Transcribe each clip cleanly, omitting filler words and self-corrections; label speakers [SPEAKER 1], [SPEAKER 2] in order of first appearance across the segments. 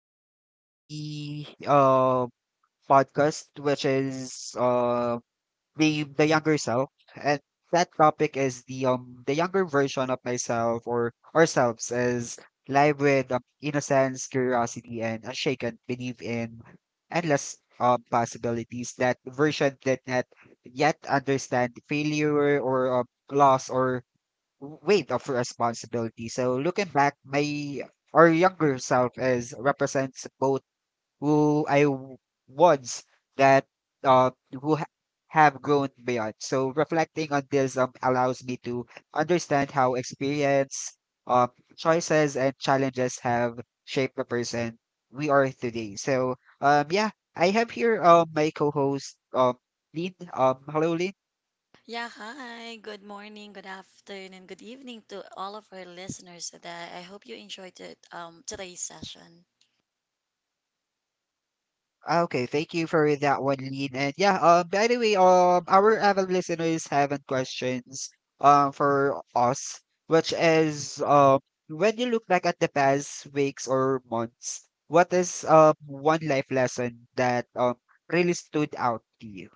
[SPEAKER 1] here the podcast, which is the younger self, and that topic is the younger version of myself or ourselves is live with innocence, curiosity, and unshaken belief in endless possibilities. That version did not yet understand failure or loss or weight of responsibility. So looking back, my our younger self is represents both who I w- was that who ha- have grown beyond. So reflecting on this allows me to understand how experience, um choices and challenges have shaped the person we are today. So yeah, I have here my co-host Lynn. Hello, Lynn.
[SPEAKER 2] Yeah, hi. Good morning, good afternoon, and good evening to all of our listeners today. I hope you enjoyed it, today's session.
[SPEAKER 1] Okay, thank you for that one, Lean. And yeah, by the way, our avid listeners have questions for us, which is when you look back at the past weeks or months, what is one life lesson that really stood out to you?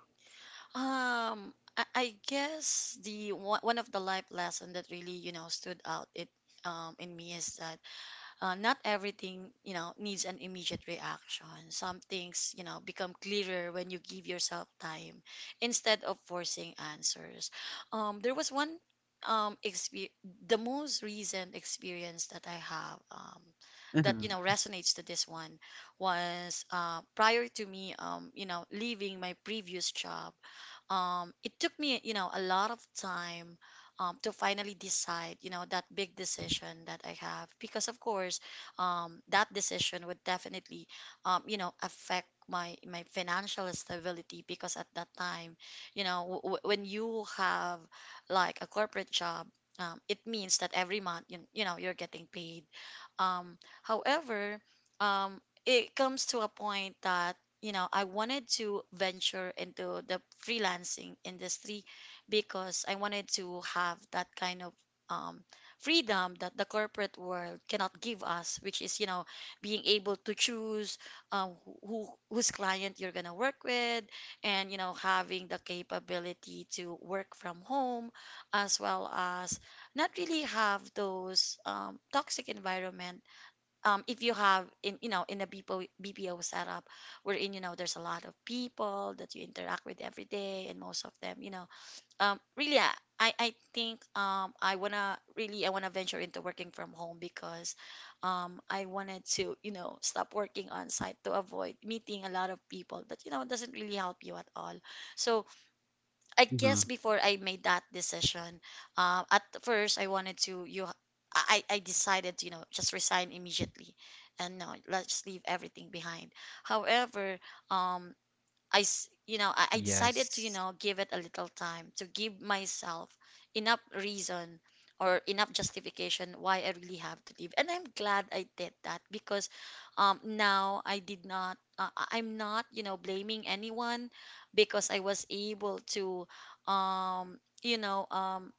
[SPEAKER 2] Um, I, I guess the one one of the life lesson that really, you know, stood out it in me is that not everything you know needs an immediate reaction. Some things you know become clearer when you give yourself time instead of forcing answers. There was um, expe- the most recent experience that I have that you
[SPEAKER 1] hmm
[SPEAKER 2] know resonates to this one was prior to me you know leaving my previous job. It took me, you know, a lot of time, to finally decide, you know, that big decision that I have. Because, of course, that decision would definitely, you know, affect my financial stability. Because at that time, you know, when you have like a corporate job, it means that every month, you know, you're getting paid. However, it comes to a point that, you know, I wanted to venture into the freelancing industry because I wanted to have that kind of um, freedom that the corporate world cannot give us, which is, you know, being able to choose, um, whose client you're gonna work with, and you know, having the capability to work from home, as well as not really have those toxic environment if you have in you know in a BPO, BPO setup wherein you know there's a lot of people that you interact with every day, and most of them you know, really I think I wanna really I wanna venture into working from home because I wanted to you know stop working on site to avoid meeting a lot of people that you know doesn't really help you at all. So I
[SPEAKER 1] hmm
[SPEAKER 2] guess before I made that decision, at first I wanted to you I decided you know just resign immediately and no let's leave everything behind. However, um you know, I decided to, you
[SPEAKER 1] Yes.
[SPEAKER 2] know, give it a little time to give myself enough reason or enough justification why I really have to leave. And I'm glad I did that because now I did not, I'm not, you know, blaming anyone because I was able to, you know,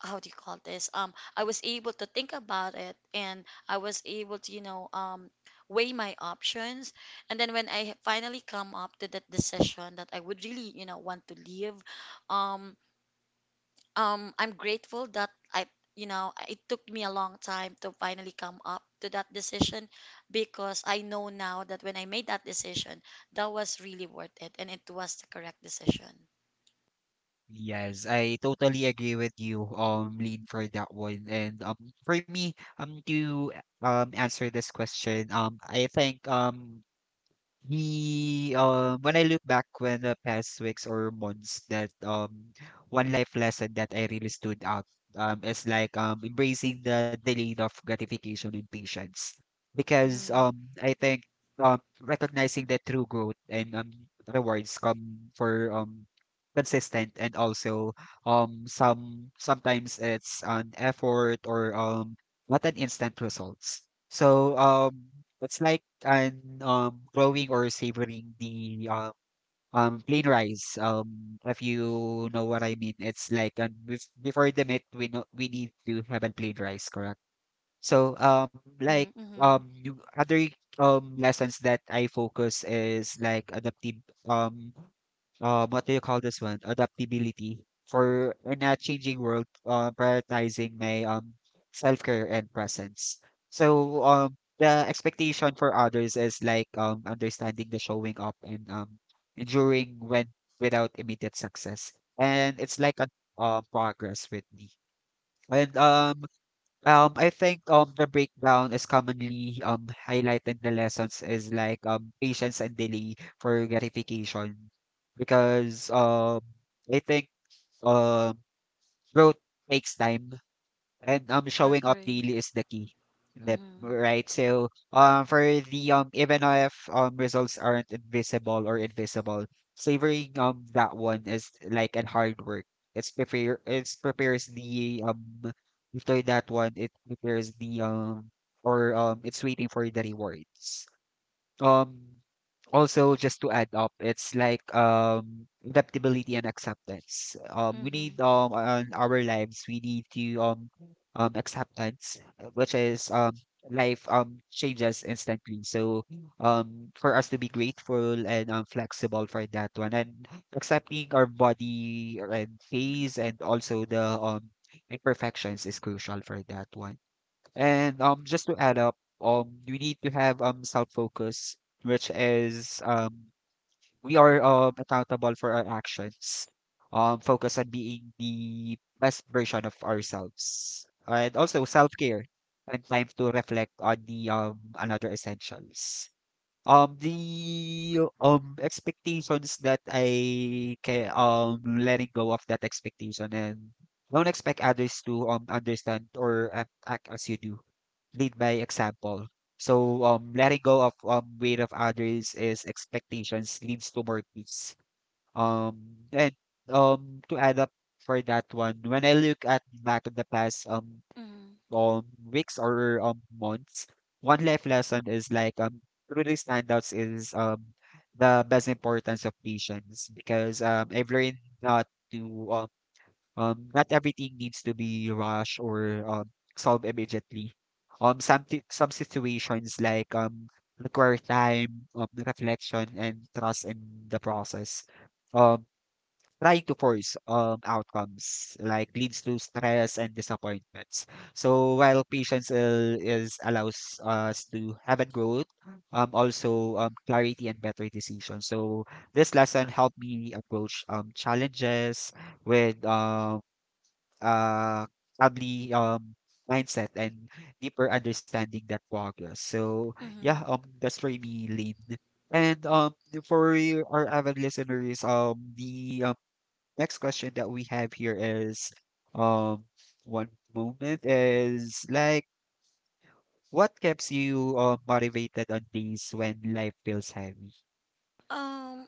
[SPEAKER 2] how do you call this, I was able to think about it, and I was able to you know weigh my options. And then when I finally come up to that decision that I would really you know want to leave, um I'm grateful that I you know it took me a long time to finally come up to that decision, because I know now that when I made that decision, that was really worth it and it was the correct decision.
[SPEAKER 1] Yes, I totally agree with you, Lean, for that one. And for me, to answer this question, when I look back when the past weeks or months, that one life lesson that I really stood out is like embracing the delayed of gratification and patience, because
[SPEAKER 2] Mm-hmm.
[SPEAKER 1] I think recognizing the true growth and rewards come for consistent and also sometimes it's an effort or not an instant results. So it's like and growing or savoring the plain rice. If you know what I mean, it's like and before the meat, we know we need to have a plain rice, correct? So like
[SPEAKER 2] Mm-hmm.
[SPEAKER 1] you, other lessons that I focus is like adaptive um what do you call this one? Adaptability for in a changing world, prioritizing my self-care and presence. So the expectation for others is like understanding the showing up and enduring when without immediate success. And it's like a progress with me. And I think, the breakdown is commonly, highlighted the lessons is like, patience and delay for gratification because, I think, um, growth takes time and showing up
[SPEAKER 2] Agree.
[SPEAKER 1] daily is the key. Yep,
[SPEAKER 2] Mm-hmm.
[SPEAKER 1] right, so for the even if results aren't invisible or invisible savoring that one is like an hard work. It's prepares the after that one it prepares the or it's waiting for the rewards. um Also, just to add up, it's like adaptability and acceptance. We
[SPEAKER 2] Mm-hmm.
[SPEAKER 1] need on our lives we need to acceptance, which is life changes instantly. So for us to be grateful and flexible for that one and accepting our body and phase and also the imperfections is crucial for that one. And just to add up, we need to have self-focus, which is we are accountable for our actions. Focus on being the best version of ourselves, and also self-care and time to reflect on the another essentials. The expectations that I can letting go of that expectation and don't expect others to understand or act as you do, lead by example. So letting go of weight of others is expectations leads to more peace. Um, and to add up for that one, when I look at back in the past
[SPEAKER 2] Mm-hmm.
[SPEAKER 1] um weeks or months, one life lesson is like really standouts is the best importance of patience because I've learned not to um not everything needs to be rushed or solved immediately. Some situations like require time, reflection, and trust in the process. Um, Trying to force outcomes like leads to stress and disappointments. So while is allows us to have a growth, also clarity and better decisions. So this lesson helped me approach challenges with uh, probably mindset and deeper understanding that progress. So yeah,
[SPEAKER 2] Mm-hmm.
[SPEAKER 1] that's for me, Lynn. And for you- our avid listeners, the next question that we have here is, um, one moment is like, what keeps you motivated on days when life feels heavy?
[SPEAKER 2] Um,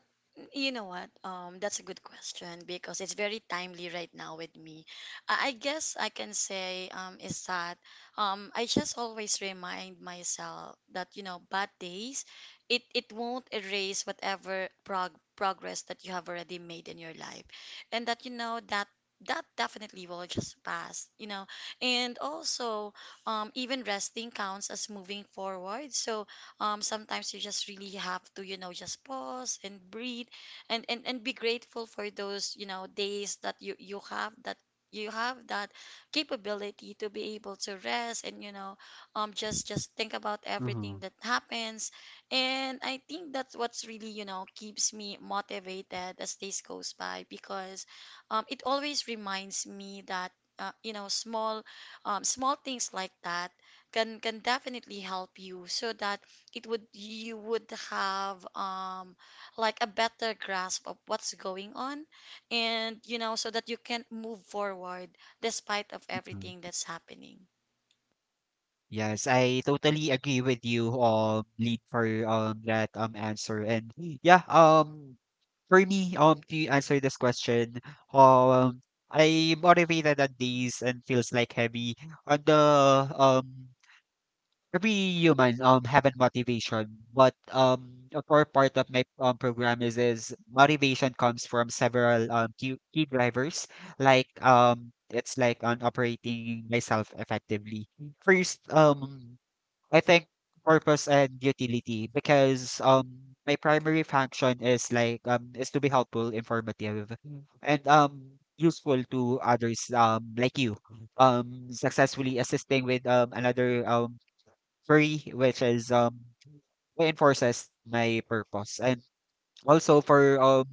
[SPEAKER 2] You know what? That's a good question because it's very timely right now with me. I guess I can say is that I just always remind myself that you know bad days, it won't erase whatever progress that you have already made in your life, and that you know that that definitely will just pass. You know, and also, even resting counts as moving forward. So sometimes you just really have to you know just pause and breathe, and and be grateful for those you know days that you have that you have that capability to be able to rest, and you know just think about everything
[SPEAKER 1] Mm-hmm.
[SPEAKER 2] that happens. And I think that's what's really you know keeps me motivated as days goes by, because it always reminds me that, you know, small small things like that can definitely help you, so that it would you would have like a better grasp of what's going on, and you know so that you can move forward despite of everything that's happening.
[SPEAKER 1] Yes, I totally agree with you, Lead, for that answer. And yeah, for me, to answer this question, um I motivated on days and feels like heavy on the um every human have a motivation, but a core part of my program is motivation comes from several key drivers like it's like on operating myself effectively. First, I think purpose and utility because my primary function is like is to be helpful, informative, Mm. And useful to others like you successfully assisting with another query, which is reinforces my purpose. And also for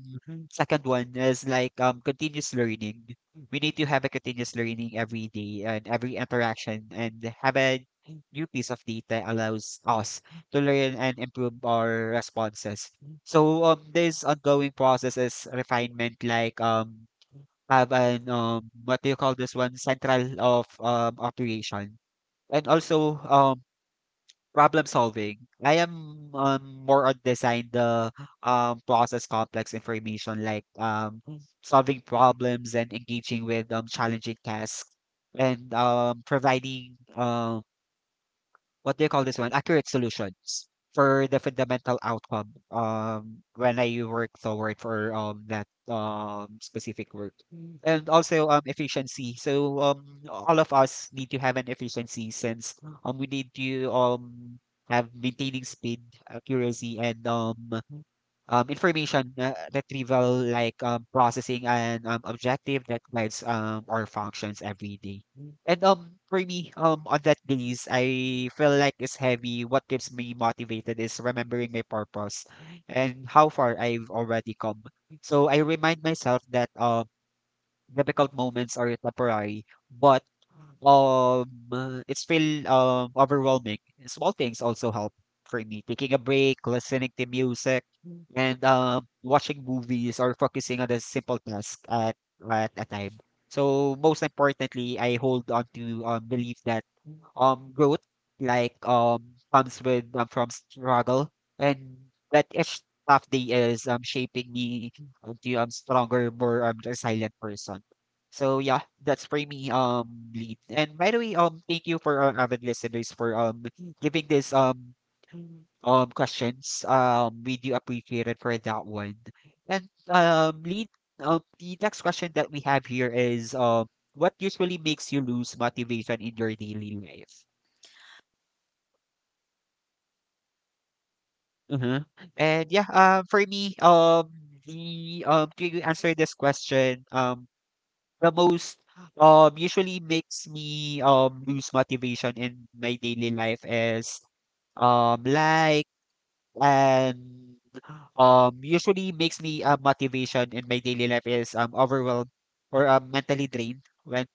[SPEAKER 1] second one is like continuous learning. We need to have a continuous learning every day, and every interaction and have a new piece of data allows us to learn and improve our responses. So this ongoing process is refinement like have an what do you call this one, central of operation. And also problem solving. I am more on design the process complex information like solving problems and engaging with challenging tasks and providing what do you call this one? Accurate solutions for the fundamental outcome when I work toward for that specific work. Mm. And also efficiency. So all of us need to have an efficiency since we need to have maintaining speed, accuracy, and information retrieval like processing and objective that guides our functions every day. And for me, on that days, I feel like it's heavy. What keeps me motivated is remembering my purpose and how far I've already come. So I remind myself that difficult moments are temporary, but um it's feel overwhelming. Small things also help for me. Taking a break, listening to music, and watching movies or focusing on a simple task at a time. So most importantly, I hold on to belief that growth like comes with from struggle and that each tough day is shaping me out you, I'm stronger, more I'm a silent person. So yeah, that's for me, lead. And by the way, thank you for our avid listeners for giving this questions. We do appreciate it for that one. And lead. The next question that we have here is what usually makes you lose motivation in your daily life? Mm-hmm. And yeah, for me, the to answer this question, the most usually makes me lose motivation in my daily life is like and usually makes me motivation in my daily life is overwhelmed or mentally drained when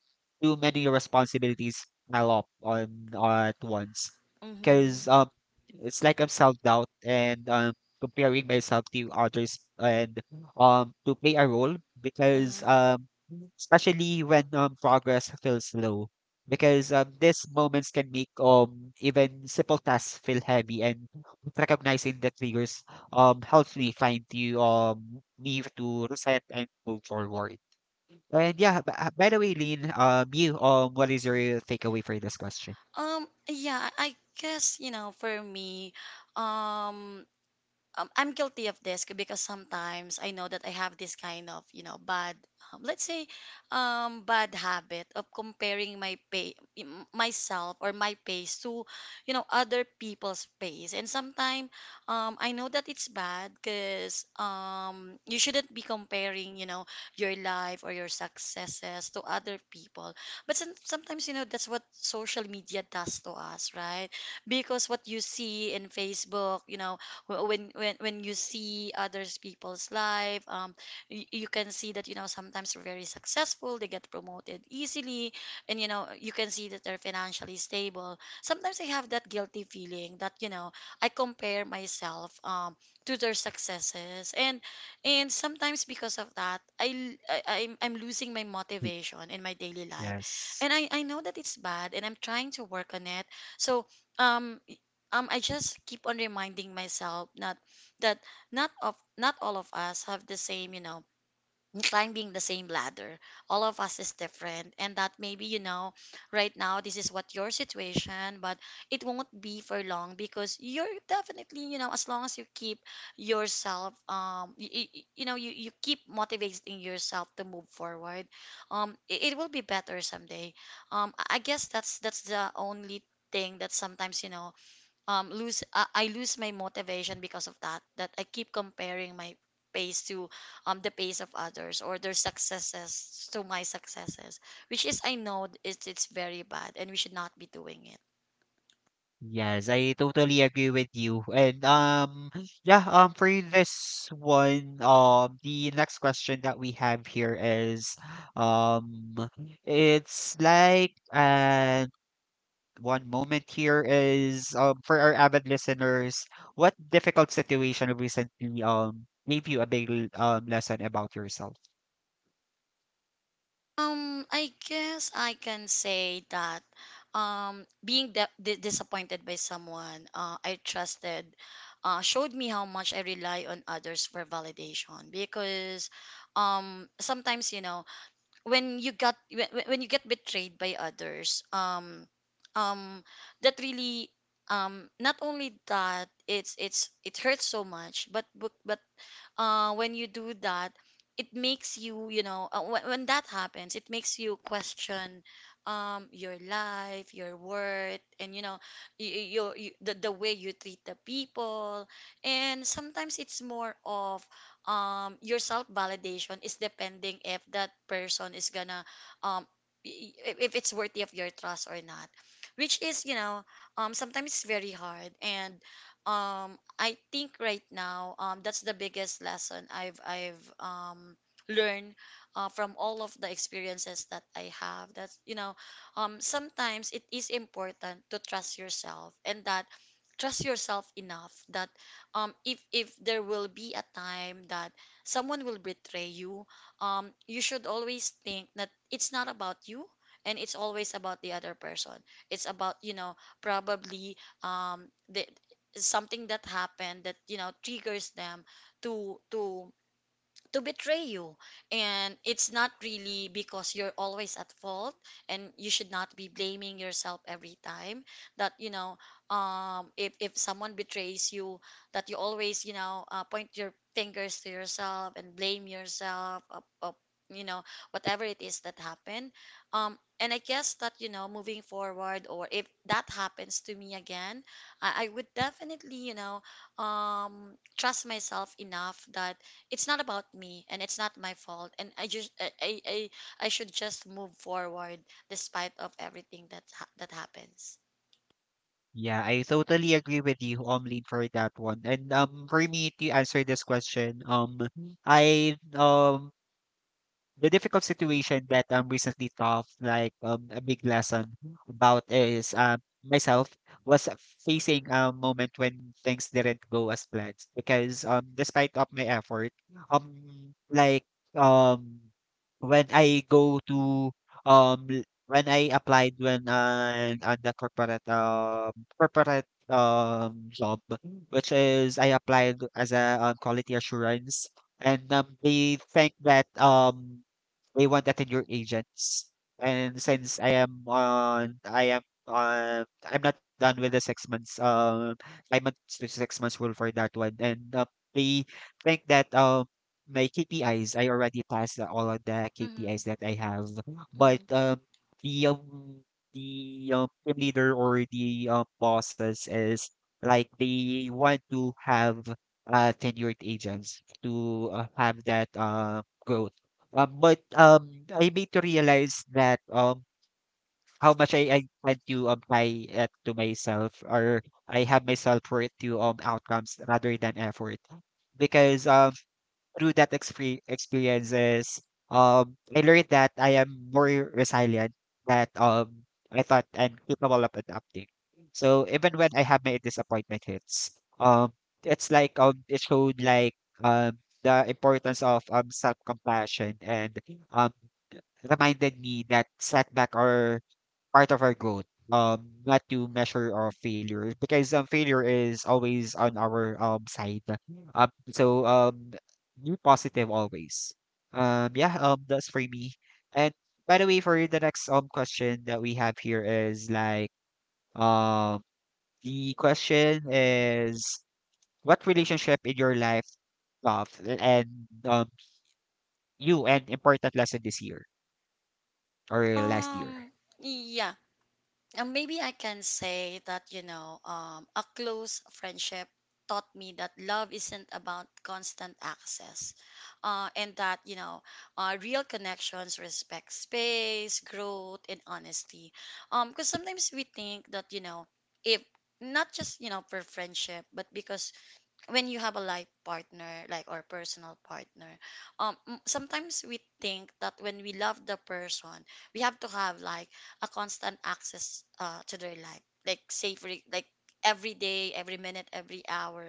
[SPEAKER 1] too many responsibilities pile up on at once
[SPEAKER 2] Mm-hmm.
[SPEAKER 1] because it's like I'm self doubt and comparing myself to others and to play a role because
[SPEAKER 2] Uh-huh.
[SPEAKER 1] especially when progress feels slow because these moments can make even simple tasks feel heavy and recognizing the triggers helps me find you me to reset and move forward. And yeah, by the way, Lynn, you what is your takeaway for this question?
[SPEAKER 2] Yeah, I guess you know for me, um I'm guilty of this because sometimes I know that I have this kind of, you know, bad, um, let's say, bad habit of comparing myself or my pace to, you know, other people's pace. And sometimes, I know that it's bad because, you shouldn't be comparing, you know, your life or your successes to other people. But sometimes, you know, that's what social media does to us, right? Because what you see in Facebook, you know, when when you see others people's life you, you can see that you know sometimes they're very successful, they get promoted easily, and you know you can see that they're financially stable. Sometimes I have that guilty feeling that you know I compare myself to their successes. And sometimes because of that I, l- I am I'm losing my motivation in my daily life.
[SPEAKER 1] Yes.
[SPEAKER 2] And I know that it's bad, and I'm trying to work on it. So um I just keep on reminding myself not that not all of us have the same, you know, climbing the same ladder. All of us is different, and that maybe, you know, right now this is what your situation, but it won't be for long because you're definitely, you know, as long as you keep yourself you know, you keep motivating yourself to move forward, it, it will be better someday. I I guess that's the only thing that sometimes, you know, lose I lose my motivation because of that, that I keep comparing my pace to the pace of others or their successes to my successes, which is I know it's very bad, and we should not be doing it.
[SPEAKER 1] Yes, I totally agree with you. And yeah, for this one, the next question that we have here is um it's like an one moment here is for our avid listeners, what difficult situation recently gave you a big lesson about yourself?
[SPEAKER 2] I guess I can say that being disappointed by someone I trusted showed me how much I rely on others for validation. Because sometimes you know when you when you get betrayed by others, um that really not only that it's it hurts so much, but when you do that, it makes you, you know, when that happens, it makes you question your life, your worth, and, you know, y- y- your, y the way you treat the people. And sometimes it's more of, your self validation is depending if that person is gonna, um, if it's worthy of your trust or not, which is, you know, sometimes it's very hard. And I think right now that's the biggest lesson I've learned, from all of the experiences that I have. That's you know sometimes it is important to trust yourself, and that trust yourself enough that if there will be a time that someone will betray you, you should always think that it's not about you, and it's always about the other person. It's about you know probably the something that happened that you know triggers them to to to betray you, and it's not really because you're always at fault. And you should not be blaming yourself every time that you know if someone betrays you, that you always you know, point your fingers to yourself and blame yourself of, you know, whatever it is that happened. um and I guess that you know moving forward, or if that happens to me again, I would definitely you know trust myself enough that it's not about me and it's not my fault. And I should just move forward despite of everything that that happens.
[SPEAKER 1] Yeah, I totally agree with you, for that one. And for me to answer this question, I the difficult situation that recently taught like a big lesson about is myself was facing a moment when things didn't go as planned because despite of my effort um like um when I go to when I applied when on the corporate job, which is I applied as a quality assurance. And they think that they want attendure agents. And since I am on, I'm not done with the 6 months, 5 months to 6 months rule for that one. And they think that my KPIs, I already passed the- all of the
[SPEAKER 2] Mm-hmm,
[SPEAKER 1] KPIs that I have. But
[SPEAKER 2] mm-hmm.
[SPEAKER 1] the um, the team leader or the bosses is like they want to have tenured agents to have that growth, but I made to realize that how much I tend to apply it to myself, or I have myself self worth to outcomes rather than effort, because through that experiences, I learned that I am more resilient that I thought I'm capable of adapting. So even when I have my disappointment hits, um, it's like it showed like um the importance of self compassion and um reminded me that setback are part of our growth. Not to measure our failure because failure is always on our side. Um, so um, be positive always. Yeah. That's for me. And by the way, for the next question that we have here is like um the question is, what relationship in your life of and um you an important lesson this year or last year?
[SPEAKER 2] um yeah. And maybe I can say that, you know, a close friendship taught me that love isn't about constant access. And that, you know, real connections respect space, growth, and honesty. Because sometimes we think that, you know, if not just, you know, for friendship, but because when you have a life partner like or personal partner, sometimes we think that when we love the person we have to have like a constant access to their life, like safely, like every day, every minute, every hour.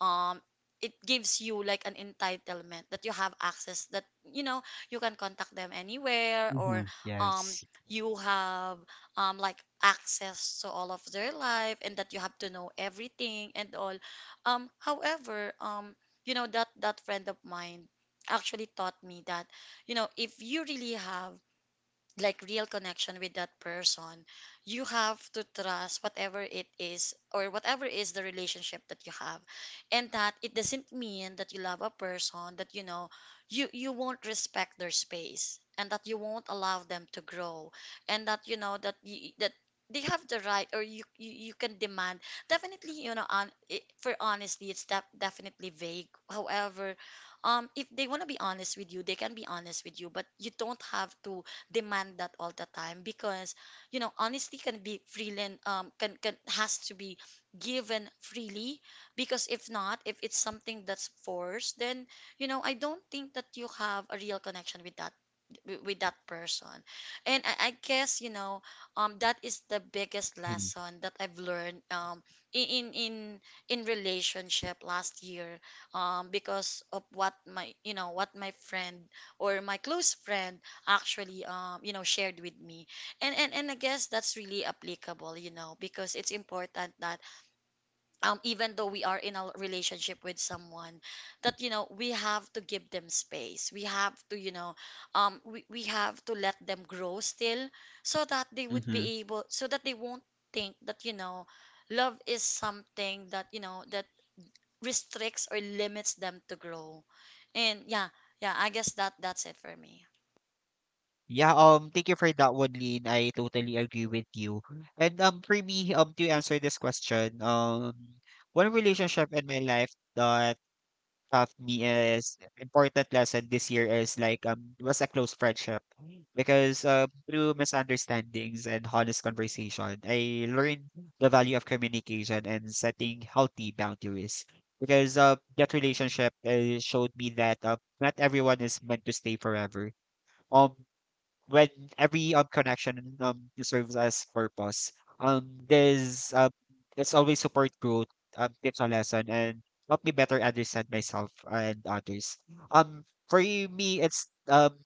[SPEAKER 2] um it gives you like an entitlement that you have access, that you know you can contact them anywhere, or
[SPEAKER 1] Mhm,
[SPEAKER 2] um
[SPEAKER 1] yes.
[SPEAKER 2] you have like access to all of their life and that you have to know everything and all. However, you know, that friend of mine actually taught me that, you know, if you really have like real connection with that person, you have to trust whatever it is or whatever is the relationship that you have. And that it doesn't mean that you love a person that, you know, you won't respect their space and that you won't allow them to grow, and that, you know, that they have the right, or you can demand definitely, you know, on it. For honesty, it's definitely vague, however, if they want to be honest with you, they can be honest with you, but you don't have to demand that all the time. Because, you know, honesty can be freely, can has to be given freely. Because if not, if it's something that's forced, then, you know, I don't think that you have a real connection with that, with that person. And I guess, you know, that is the biggest
[SPEAKER 1] Mhm,
[SPEAKER 2] lesson that I've learned, in in in in relationship last year, because of what my, you know, what my friend, or my close friend, actually, you know, shared with me. And I guess that's really applicable, you know, because it's important that, even though we are in a relationship with someone, that, you know, we have to give them space, we have to, you know, we have to let them grow still, so that they would
[SPEAKER 1] mhm.
[SPEAKER 2] be able, so that they won't think that, you know, love is something that, you know, that restricts or limits them to grow. And yeah, yeah, I guess that that's it for me.
[SPEAKER 1] Yeah, thank you for that one, Lynn. I totally agree with you. And to answer this question, one relationship in my life that taught me is important lesson this year is like it was a close friendship because through misunderstandings and honest conversation I learned the value of communication and setting healthy boundaries, because that relationship showed me that not everyone is meant to stay forever um when every connection serves as purpose. This It's always support growth, tips a lesson and help me better understand myself and others. Um, for me, it's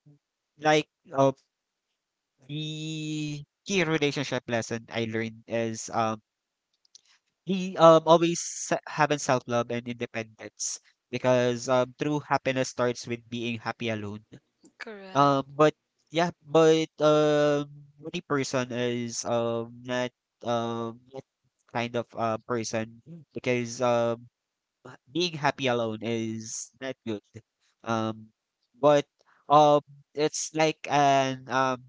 [SPEAKER 1] like the key relationship lesson I learned is he always having self love and independence because true happiness starts with being happy alone.
[SPEAKER 2] Correct.
[SPEAKER 1] Um, but yeah, but um, Moody person is not not kind of person because being happy alone is not good. Um, but um, it's like an um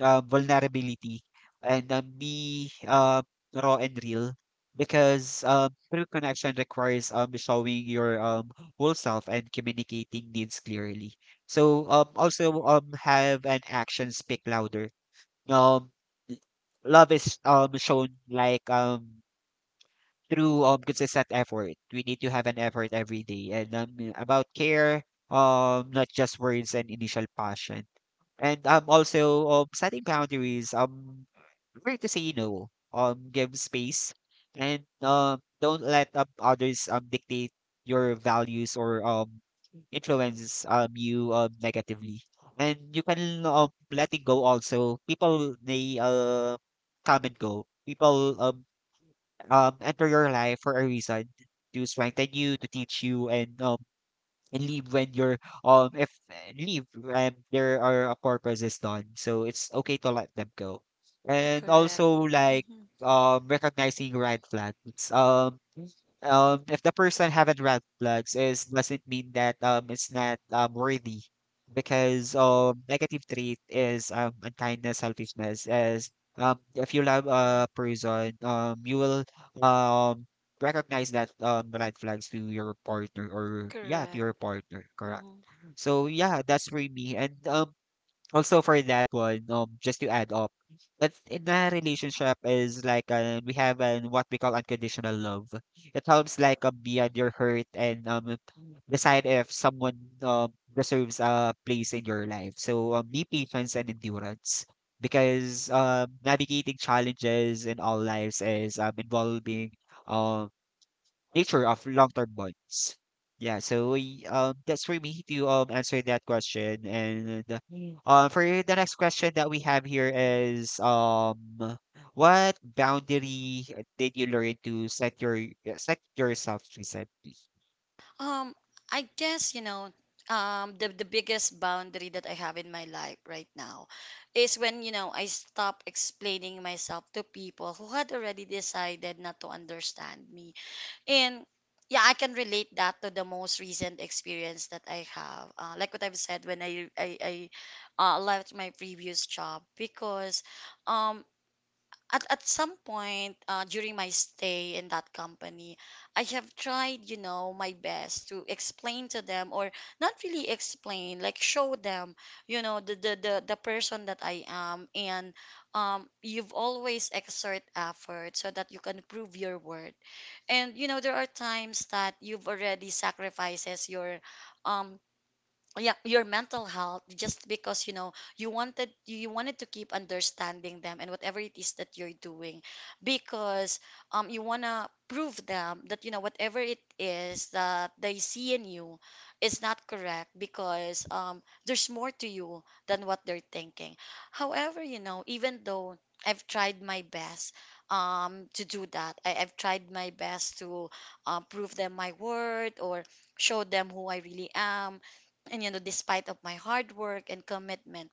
[SPEAKER 1] uh, vulnerability and be raw and real because true connection requires showing your whole self and communicating needs clearly. So also have an action speak louder. Um, Love is shown like through consistent effort. We need to have an effort every day and about care, not just words and initial passion. And also setting boundaries. Learn to say no. Give space, and don't let others dictate your values or influence you negatively. And you can let it go also. People they come and go. People enter your life for a reason to strengthen you, to teach you, and leave when you're if leave and there are a purpose is done, so it's okay to let them go. And
[SPEAKER 2] Correct.
[SPEAKER 1] also like
[SPEAKER 2] Mm-hmm.
[SPEAKER 1] recognizing red flags. If the person haven't red flags is doesn't mean that it's not worthy because negative trait is unkindness selfishness as if you love a person you will um recognize that red flags to your partner, or yeah, to
[SPEAKER 2] Correct.
[SPEAKER 1] your partner, correct.
[SPEAKER 2] Mm-hmm.
[SPEAKER 1] So yeah, that's for me. And also for that one, just to add up, but in a relationship is like we have an what we call unconditional love. It helps like beyond your hurt and decide if someone deserves a place in your life, so be patience and endurance because navigating challenges in all lives is involving um nature of long-term bonds. Yeah, so we, that's for me to answer that question. And Mm. For the next question that we have here is, what boundary did you learn to set your set yourself recently?
[SPEAKER 2] Um, I guess, you know, the biggest boundary that I have in my life right now is when, you know, I stop explaining myself to people who had already decided not to understand me. And yeah, I can relate that to the most recent experience that I have. Like what I've said when I left my previous job because, um, at some point during my stay in that company, I have tried, you know, my best to explain to them, or not really explain, like show them, you know, the person that I am. And you've always exert effort so that you can prove your worth. And you know there are times that you've already sacrifices your um yeah, your mental health, just because, you know, you wanted to keep understanding them and whatever it is that you're doing. Because you want to prove them that, you know, whatever it is that they see in you is not correct, because there's more to you than what they're thinking. However, you know, even though I've tried my best to do that, I've tried my best to prove them my word, or show them who I really am. And you know, despite of my hard work and commitment,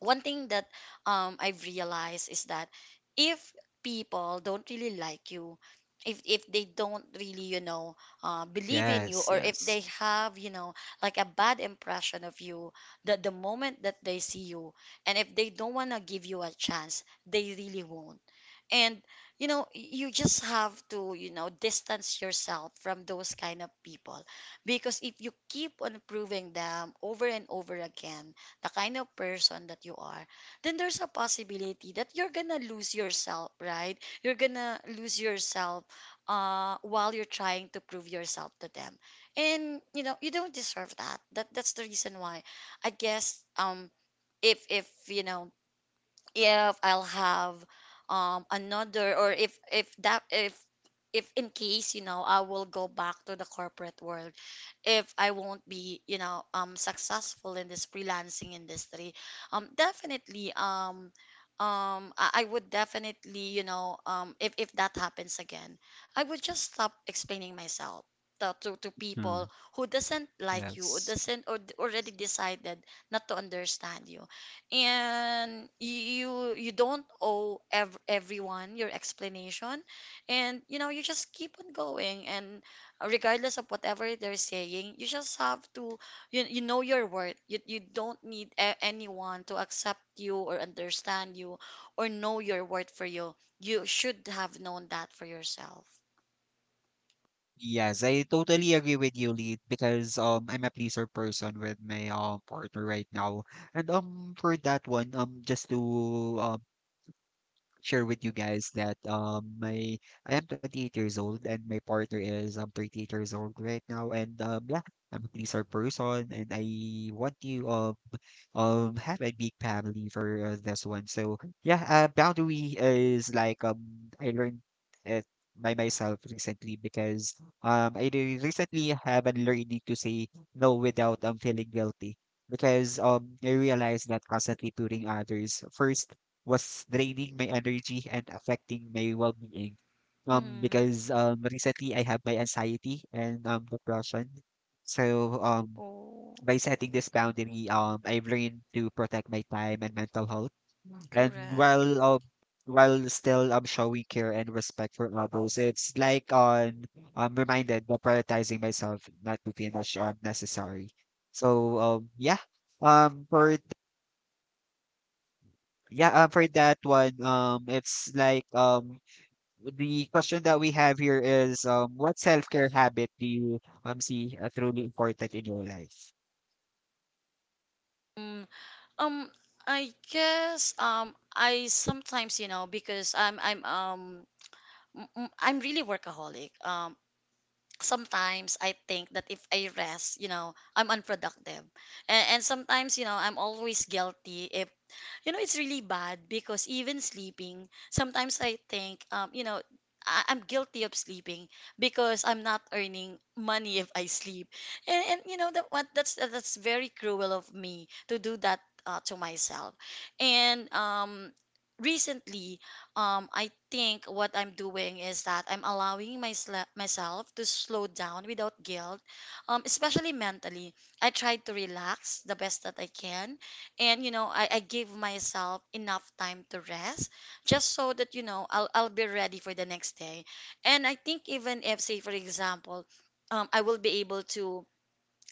[SPEAKER 2] one thing that I've realized is that if people don't really like you, if they don't really, you know, believe in you,
[SPEAKER 1] Yes,
[SPEAKER 2] or if they
[SPEAKER 1] yes.
[SPEAKER 2] have, you know, like a bad impression of you, that the moment that they see you, and if they don't wanna give you a chance, they really won't. And you know, you just have to, you know, distance yourself from those kind of people. Because if you keep on proving them over and over again the kind of person that you are, then there's a possibility that you're gonna lose yourself, right? You're gonna lose yourself while you're trying to prove yourself to them. And you know, you don't deserve that. That's the reason why I guess if you know, if I'll have another, or if that if in case, you know, I will go back to the corporate world, if I won't be, you know, successful in this freelancing industry, definitely, I would definitely, you know, if that happens again, I would just stop explaining myself to
[SPEAKER 1] Hmm,
[SPEAKER 2] people who doesn't like you, or
[SPEAKER 1] yes.
[SPEAKER 2] doesn't, or already decided not to understand you. And you don't owe everyone your explanation. And you know, you just keep on going. And regardless of whatever they're saying, you just have to, you know your worth. You you don't need anyone to accept you or understand you or know your worth for you. You should have known that for yourself.
[SPEAKER 1] Yes, I totally agree with you, Lead, because I'm a pleaser person with my partner right now. And for that one, just to um share with you guys that my I am 28 years old and my partner is 38 years old right now. And yeah, I'm a pleaser person and I want to have a big family for this one. So yeah, boundary is like I learned it by myself recently, because recently have been learning to say no without feeling guilty, because I realized that constantly putting others first was draining my energy and affecting my well-being.
[SPEAKER 2] Mm.
[SPEAKER 1] Because recently I have my anxiety and depression. So
[SPEAKER 2] Oh.
[SPEAKER 1] by setting this boundary, I've learned to protect my time and mental health. And
[SPEAKER 2] Correct.
[SPEAKER 1] while still showing care and respect for others, it's like on I'm reminded that prioritizing myself not to finish unnecessary. So yeah. Um for yeah, for that one, it's like the question that we have here is, what self-care habit do you see truly important in your life?
[SPEAKER 2] Um, I guess I sometimes, you know, because I'm really workaholic. Sometimes I think that if I rest, you know, I'm unproductive. And sometimes, you know, I'm always guilty if, you know, it's really bad, because even sleeping sometimes I think, you know, I'm guilty of sleeping because I'm not earning money if I sleep. And you know that what that's very cruel of me to do that, to myself. And recently, I think what I'm doing is that I'm allowing my myself to slow down without guilt, especially mentally. I try to relax the best that I can, and you know I give myself enough time to rest, just so that, you know, I'll be ready for the next day. And I think, even if, say for example, I will be able to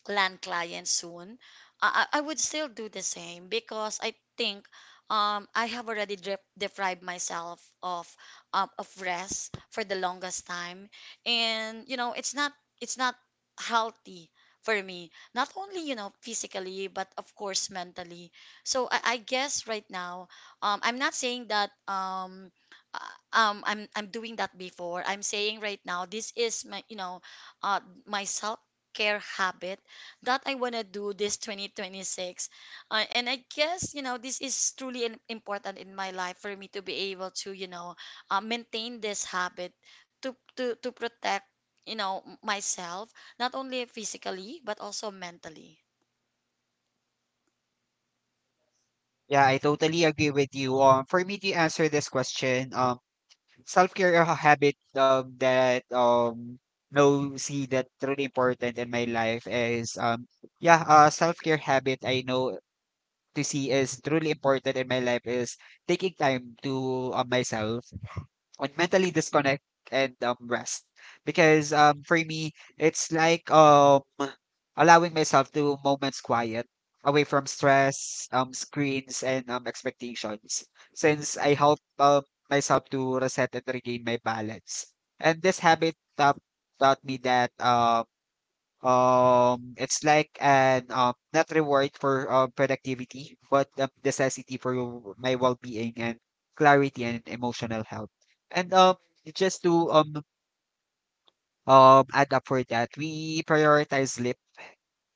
[SPEAKER 2] land clients soon, I would still do the same, because I think I have already deprived myself of rest for the longest time. And you know it's not, it's not healthy for me. Not only, you know, physically, but of course mentally. So I guess right now, I'm not saying that, I'm doing that before. I'm saying right now this is my, you know, uh, my self care habit that I want to do this 2026. And I guess, you know, this is truly important in my life for me to be able to, you know, maintain this habit to protect, you know, myself, not only physically, but also mentally.
[SPEAKER 1] Yeah, I totally agree with you. For me to answer this question, self-care habit that no see that truly important in my life is yeah self-care habit I know to see is truly important in my life is taking time to myself and mentally disconnect and rest, because for me it's like allowing myself to moments quiet away from stress, screens, and expectations, since I help myself to reset and regain my balance. And this habit taught me that it's like an not reward for productivity, but a necessity for your- my well-being and clarity and emotional health. And just to add up for that. We prioritize sleep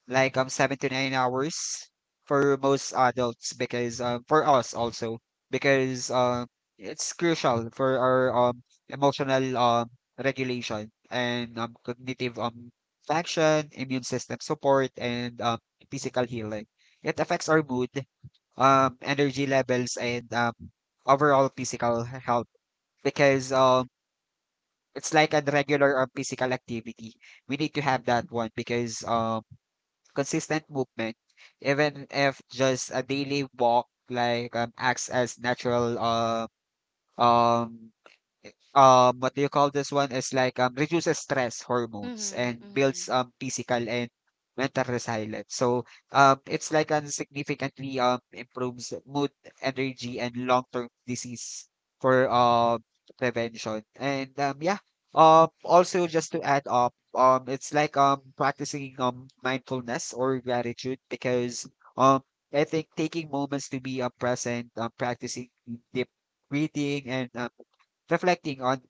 [SPEAKER 1] like 7 to 9 hours for most adults, because for us also, because it's crucial for our emotional regulation and cognitive function, immune system support, and physical healing. It affects our mood, energy levels, and overall physical health, because it's like a regular or physical activity. We need to have that one, because consistent movement, even if just a daily walk, like acts as natural um what do you call this one, is like reduces stress hormones
[SPEAKER 2] Mm-hmm,
[SPEAKER 1] and
[SPEAKER 2] mm-hmm,
[SPEAKER 1] builds physical and mental resilience. So it's like significantly improves mood, energy, and long term disease for prevention. And yeah, also just to add up, it's like practicing mindfulness or gratitude, because um I think taking moments to be present, practicing deep breathing and reflecting on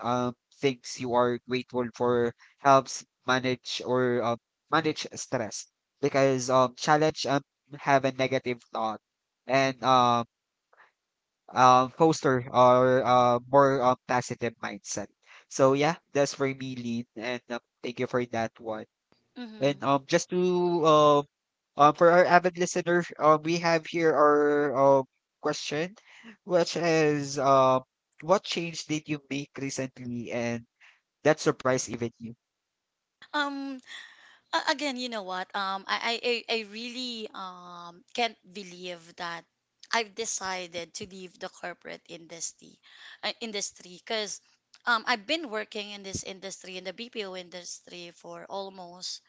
[SPEAKER 1] things you are grateful for helps manage or manage stress because challenge have a negative thought and foster or more positive mindset. So yeah, that's for me, Lean, and thank you for that one.
[SPEAKER 2] mm-hmm.
[SPEAKER 1] And just to um, for our avid listener, we have here our question, which is, what change did you make recently and that surprised even you?
[SPEAKER 2] Um, Again, you know what? I really can't believe that I've decided to leave the corporate industry, industry, because I've been working in this industry in the BPO industry for almost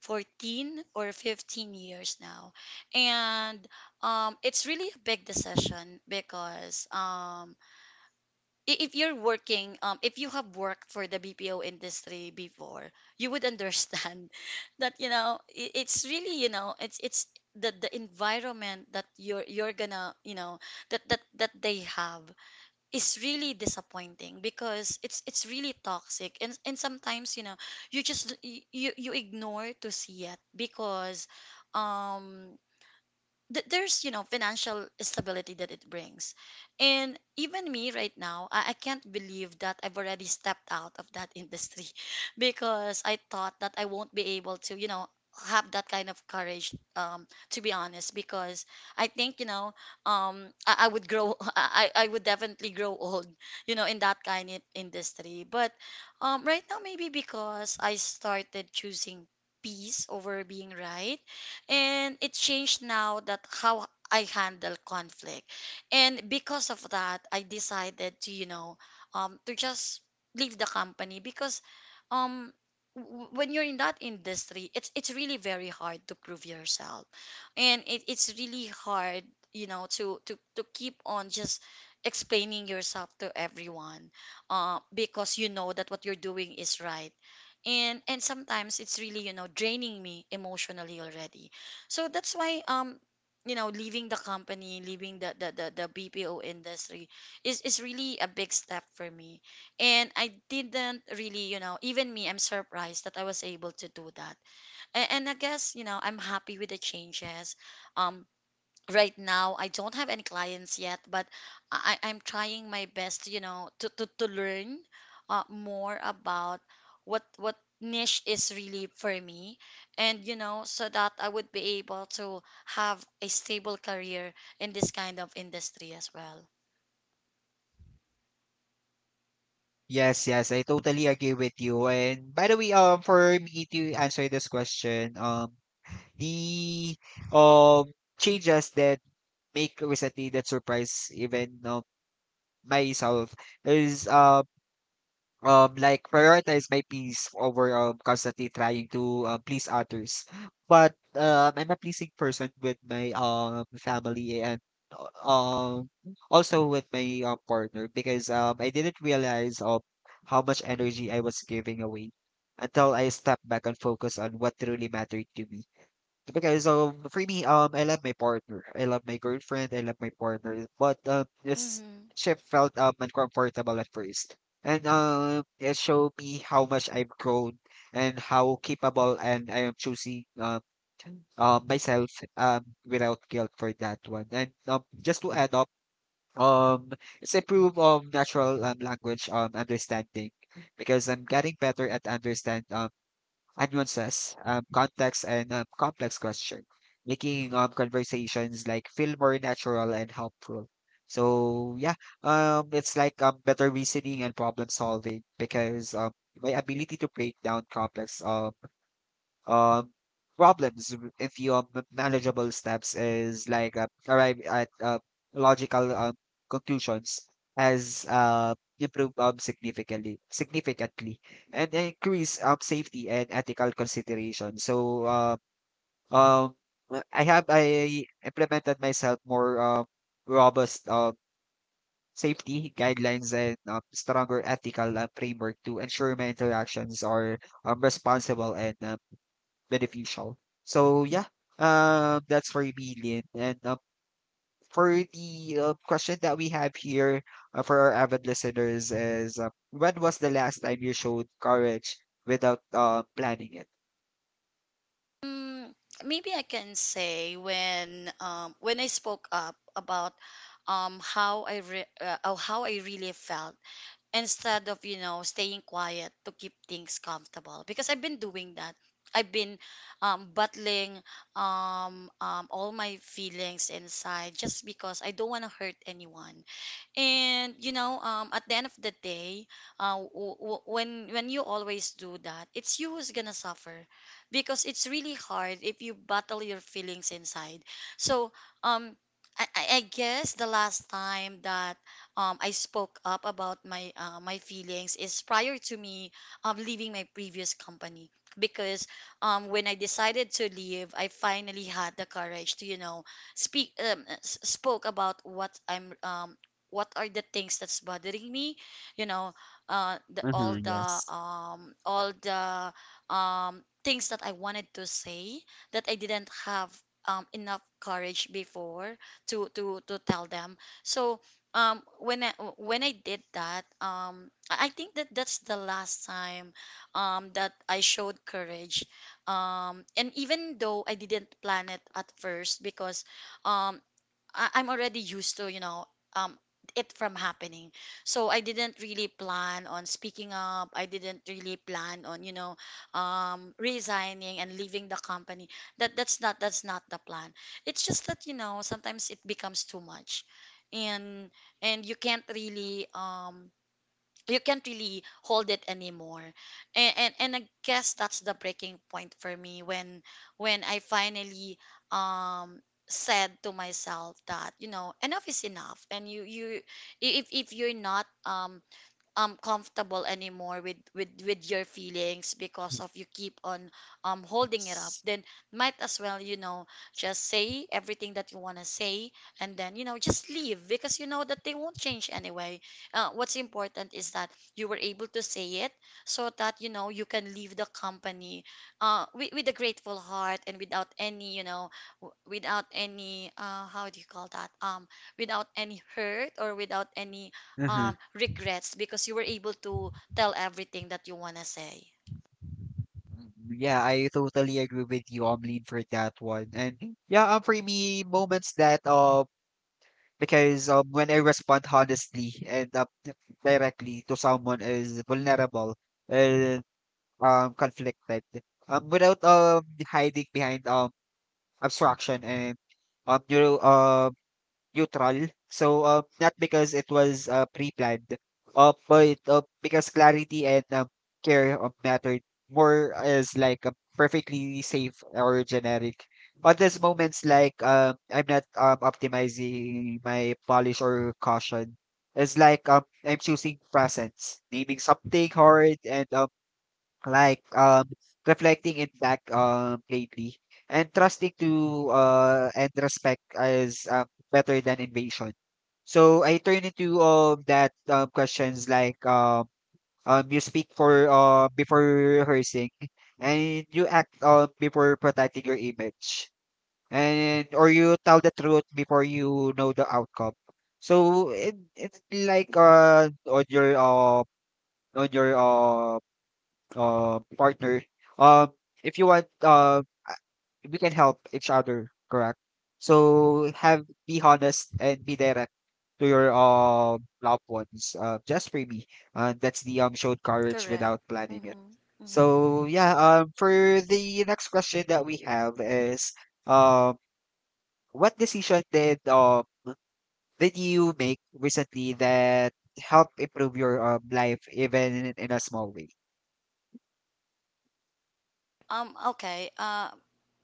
[SPEAKER 2] 14 or 15 years now. And it's really a big decision because if you're working, if you have worked for the BPO industry before, you would understand that you know, it's really, you know, it's the environment that you're gonna, you know, that that they have is really disappointing, because it's really toxic. And sometimes, you know, you just, you ignore to see it because um there's, you know, financial stability that it brings. And even me right now, I can't believe that I've already stepped out of that industry because I thought that I won't be able to, you know, have that kind of courage, to be honest, because I think, you know, I would grow I would definitely grow old, you know, in that kind of industry. But right now, maybe because I started choosing peace over being right, and it changed now that how I handle conflict. And because of that, I decided to, you know, to just leave the company. Because um when you're in that industry, it's really very hard to prove yourself. And it, it's really hard, you know, to keep on just explaining yourself to everyone, because you know that what you're doing is right. And sometimes it's really, you know, draining me emotionally already. So that's why, you know, leaving the company, leaving the BPO industry is really a big step for me. And I didn't really, you know, even me, I'm surprised that I was able to do that. And I guess, you know, I'm happy with the changes. Um right now I don't have any clients yet, but I'm trying my best, you know, to learn more about what niche is really for me, and you know, so that I would be able to have a stable career in this kind of industry as well.
[SPEAKER 1] Yes, yes, I totally agree with you. And by the way, for me to answer this question, the um changes that make recently that surprise even myself is like prioritize my peace over constantly trying to please others. But I'm a pleasing person with my family and uh, um also with my partner, because I didn't realize of how much energy I was giving away until I stepped back and focused on what truly mattered to me. Because so for me, I love my partner. I love my girlfriend. I love my partner. But this
[SPEAKER 2] Hmm
[SPEAKER 1] ship felt uncomfortable at first, and it showed me how much I've grown and how capable and I am choosing myself without guilt for that one. And just to add up, um, it's improve natural language understanding, because I'm getting better at understand nuances, context, and complex question, making conversations like feel more natural and helpful. So yeah, it's like better reasoning and problem solving, because my ability to break down complex um problems w- if your m- manageable steps is like arrive at logical conclusions has improved significantly and increase safety and ethical consideration. So um I have I implemented myself more robust safety guidelines and stronger ethical framework to ensure my interactions are responsible and beneficial. So yeah, that's for me, Lin. And for the question that we have here, for our avid listeners is, when was the last time you showed courage without planning it?
[SPEAKER 2] Mm, maybe I can say when I spoke up about how I really felt instead of, you know, staying quiet to keep things comfortable, because I've been battling, all my feelings inside, just because I don't want to hurt anyone. And you know, at the end of the day, when you always do that, it's you who's gonna suffer, because it's really hard if you battle your feelings inside. So, um, I guess the last time that I spoke up about my feelings is prior to me leaving my previous company. Because when I decided to leave, I finally had the courage to, you know, speak spoke about what I'm what are the things that's bothering me, you know the all
[SPEAKER 1] Mm-hmm,
[SPEAKER 2] the
[SPEAKER 1] yes.
[SPEAKER 2] all the things that I wanted to say that I didn't have enough courage before to tell them. So when I when I did that, I think that that's the last time that I showed courage, and even though I didn't plan it at first, because um I'm already used to, you know, um, it from happening. So I didn't really plan on speaking up. I didn't really plan on, you know, resigning and leaving the company. That's not that's not the plan. It's just that, you know, sometimes it becomes too much. And and you can't really hold it anymore. And I guess that's the breaking point for me, when I finally um said to myself that, you know, enough is enough. And you, if you're not comfortable anymore with with your feelings,
[SPEAKER 1] Mhm,
[SPEAKER 2] because of you keep on holding it up,
[SPEAKER 1] yes.
[SPEAKER 2] then might as well, you know, just say everything that you want to say, and then, you know, just leave, because you know that they won't change anyway. What's important is that you were able to say it, so that, you know, you can leave the company with a grateful heart and without any, you know, without any how do you call that, without any hurt or without any
[SPEAKER 1] Mhm.
[SPEAKER 2] regrets, because you were able to tell everything that you want to say.
[SPEAKER 1] Yeah, I totally agree with you, Omlin, for that one. And yeah, for me, moments that because when I respond honestly and directly to someone is vulnerable and conflicted, without hiding behind abstraction and um you know, um neutral. So not because it was pre-planned, but because clarity and care of mattered more as like a perfectly safe or generic. But there's moments like I'm not optimizing my polish or caution. It's like I'm choosing presence, naming something hard and like um reflecting in back lately and trusting to and respect is better than invasion, so I turn into that questions like you speak for before rehearsing, and you act before protecting your image, and or you tell the truth before you know the outcome. So it's like on your partner, um, if you want, we can help each other, correct? So have be honest and be direct to your loved ones. Just for me, that's the showed courage
[SPEAKER 2] Correct.
[SPEAKER 1] without planning it.
[SPEAKER 2] Mm-hmm, mm-hmm.
[SPEAKER 1] So yeah, for the next question that we have is, um, what decision did you make recently that helped improve your life even in a small way?
[SPEAKER 2] Okay,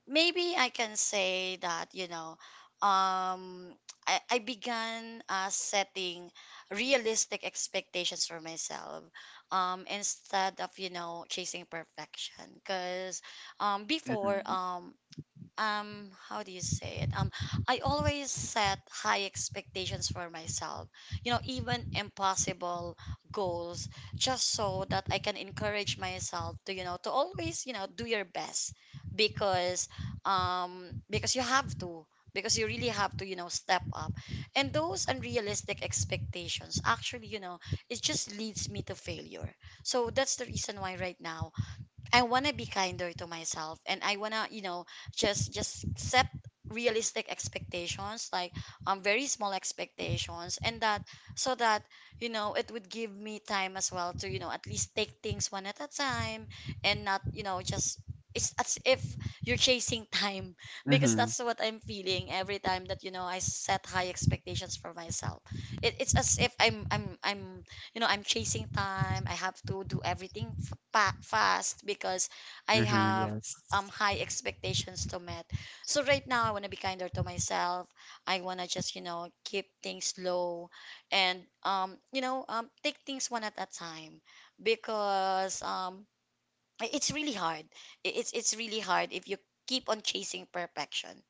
[SPEAKER 2] maybe I can say that, you know, um I began setting realistic expectations for myself, instead of, you know, chasing perfection. Because before how do you say it, I always set high expectations for myself, you know, even impossible goals, just so that I can encourage myself to, you know, to always, you know, do your best. Because because you have to, because you really have to, you know, step up. And those unrealistic expectations actually, you know, it just leads me to failure. So that's the reason why right now I want to be kinder to myself, and I want to, you know, just set realistic expectations, like very small expectations, and that so that, you know, it would give me time as well to, you know, at least take things one at a time, and not, you know, just, it's as if you're chasing time because
[SPEAKER 1] Mm-hmm.
[SPEAKER 2] that's what I'm feeling every time that, you know, I set high expectations for myself. It's as if I'm you know, I'm chasing time. I have to do everything fast, because I
[SPEAKER 1] Mhm,
[SPEAKER 2] have
[SPEAKER 1] yes.
[SPEAKER 2] high expectations to meet. So right now I want to be kinder to myself. I want to just, you know, keep things low, and you know, take things one at a time, because it's really hard. It's really hard if you keep on chasing perfection.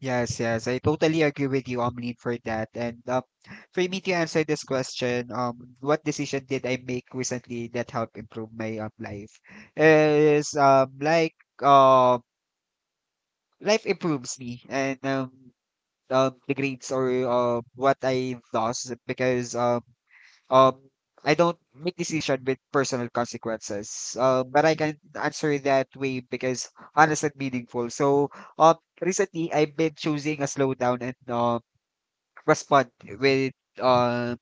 [SPEAKER 1] Yes, yes. I totally agree with you, Omlin, for that. And for me to answer this question, what decision did I make recently that helped improve my life? Is like uh life improves me and the grades or what I lost because Um, I don't make decision with personal consequences. But I can answer it that way because honest and meaningful. So, recently I've been choosing a slowdown and respond with uh,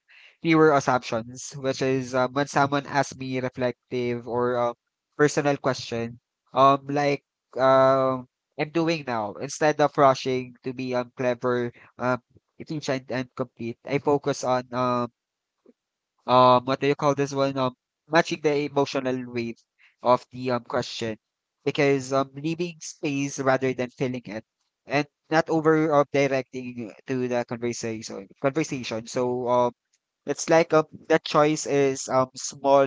[SPEAKER 1] fewer assumptions, which is when someone asks me reflective or personal question, um, like um, I'm doing now instead of rushing to be clever, um, efficient and complete. I focus on what do you call this one, matching the emotional weight of the question, because leaving space rather than filling it and not over directing to the conversation. So it's like the choice is small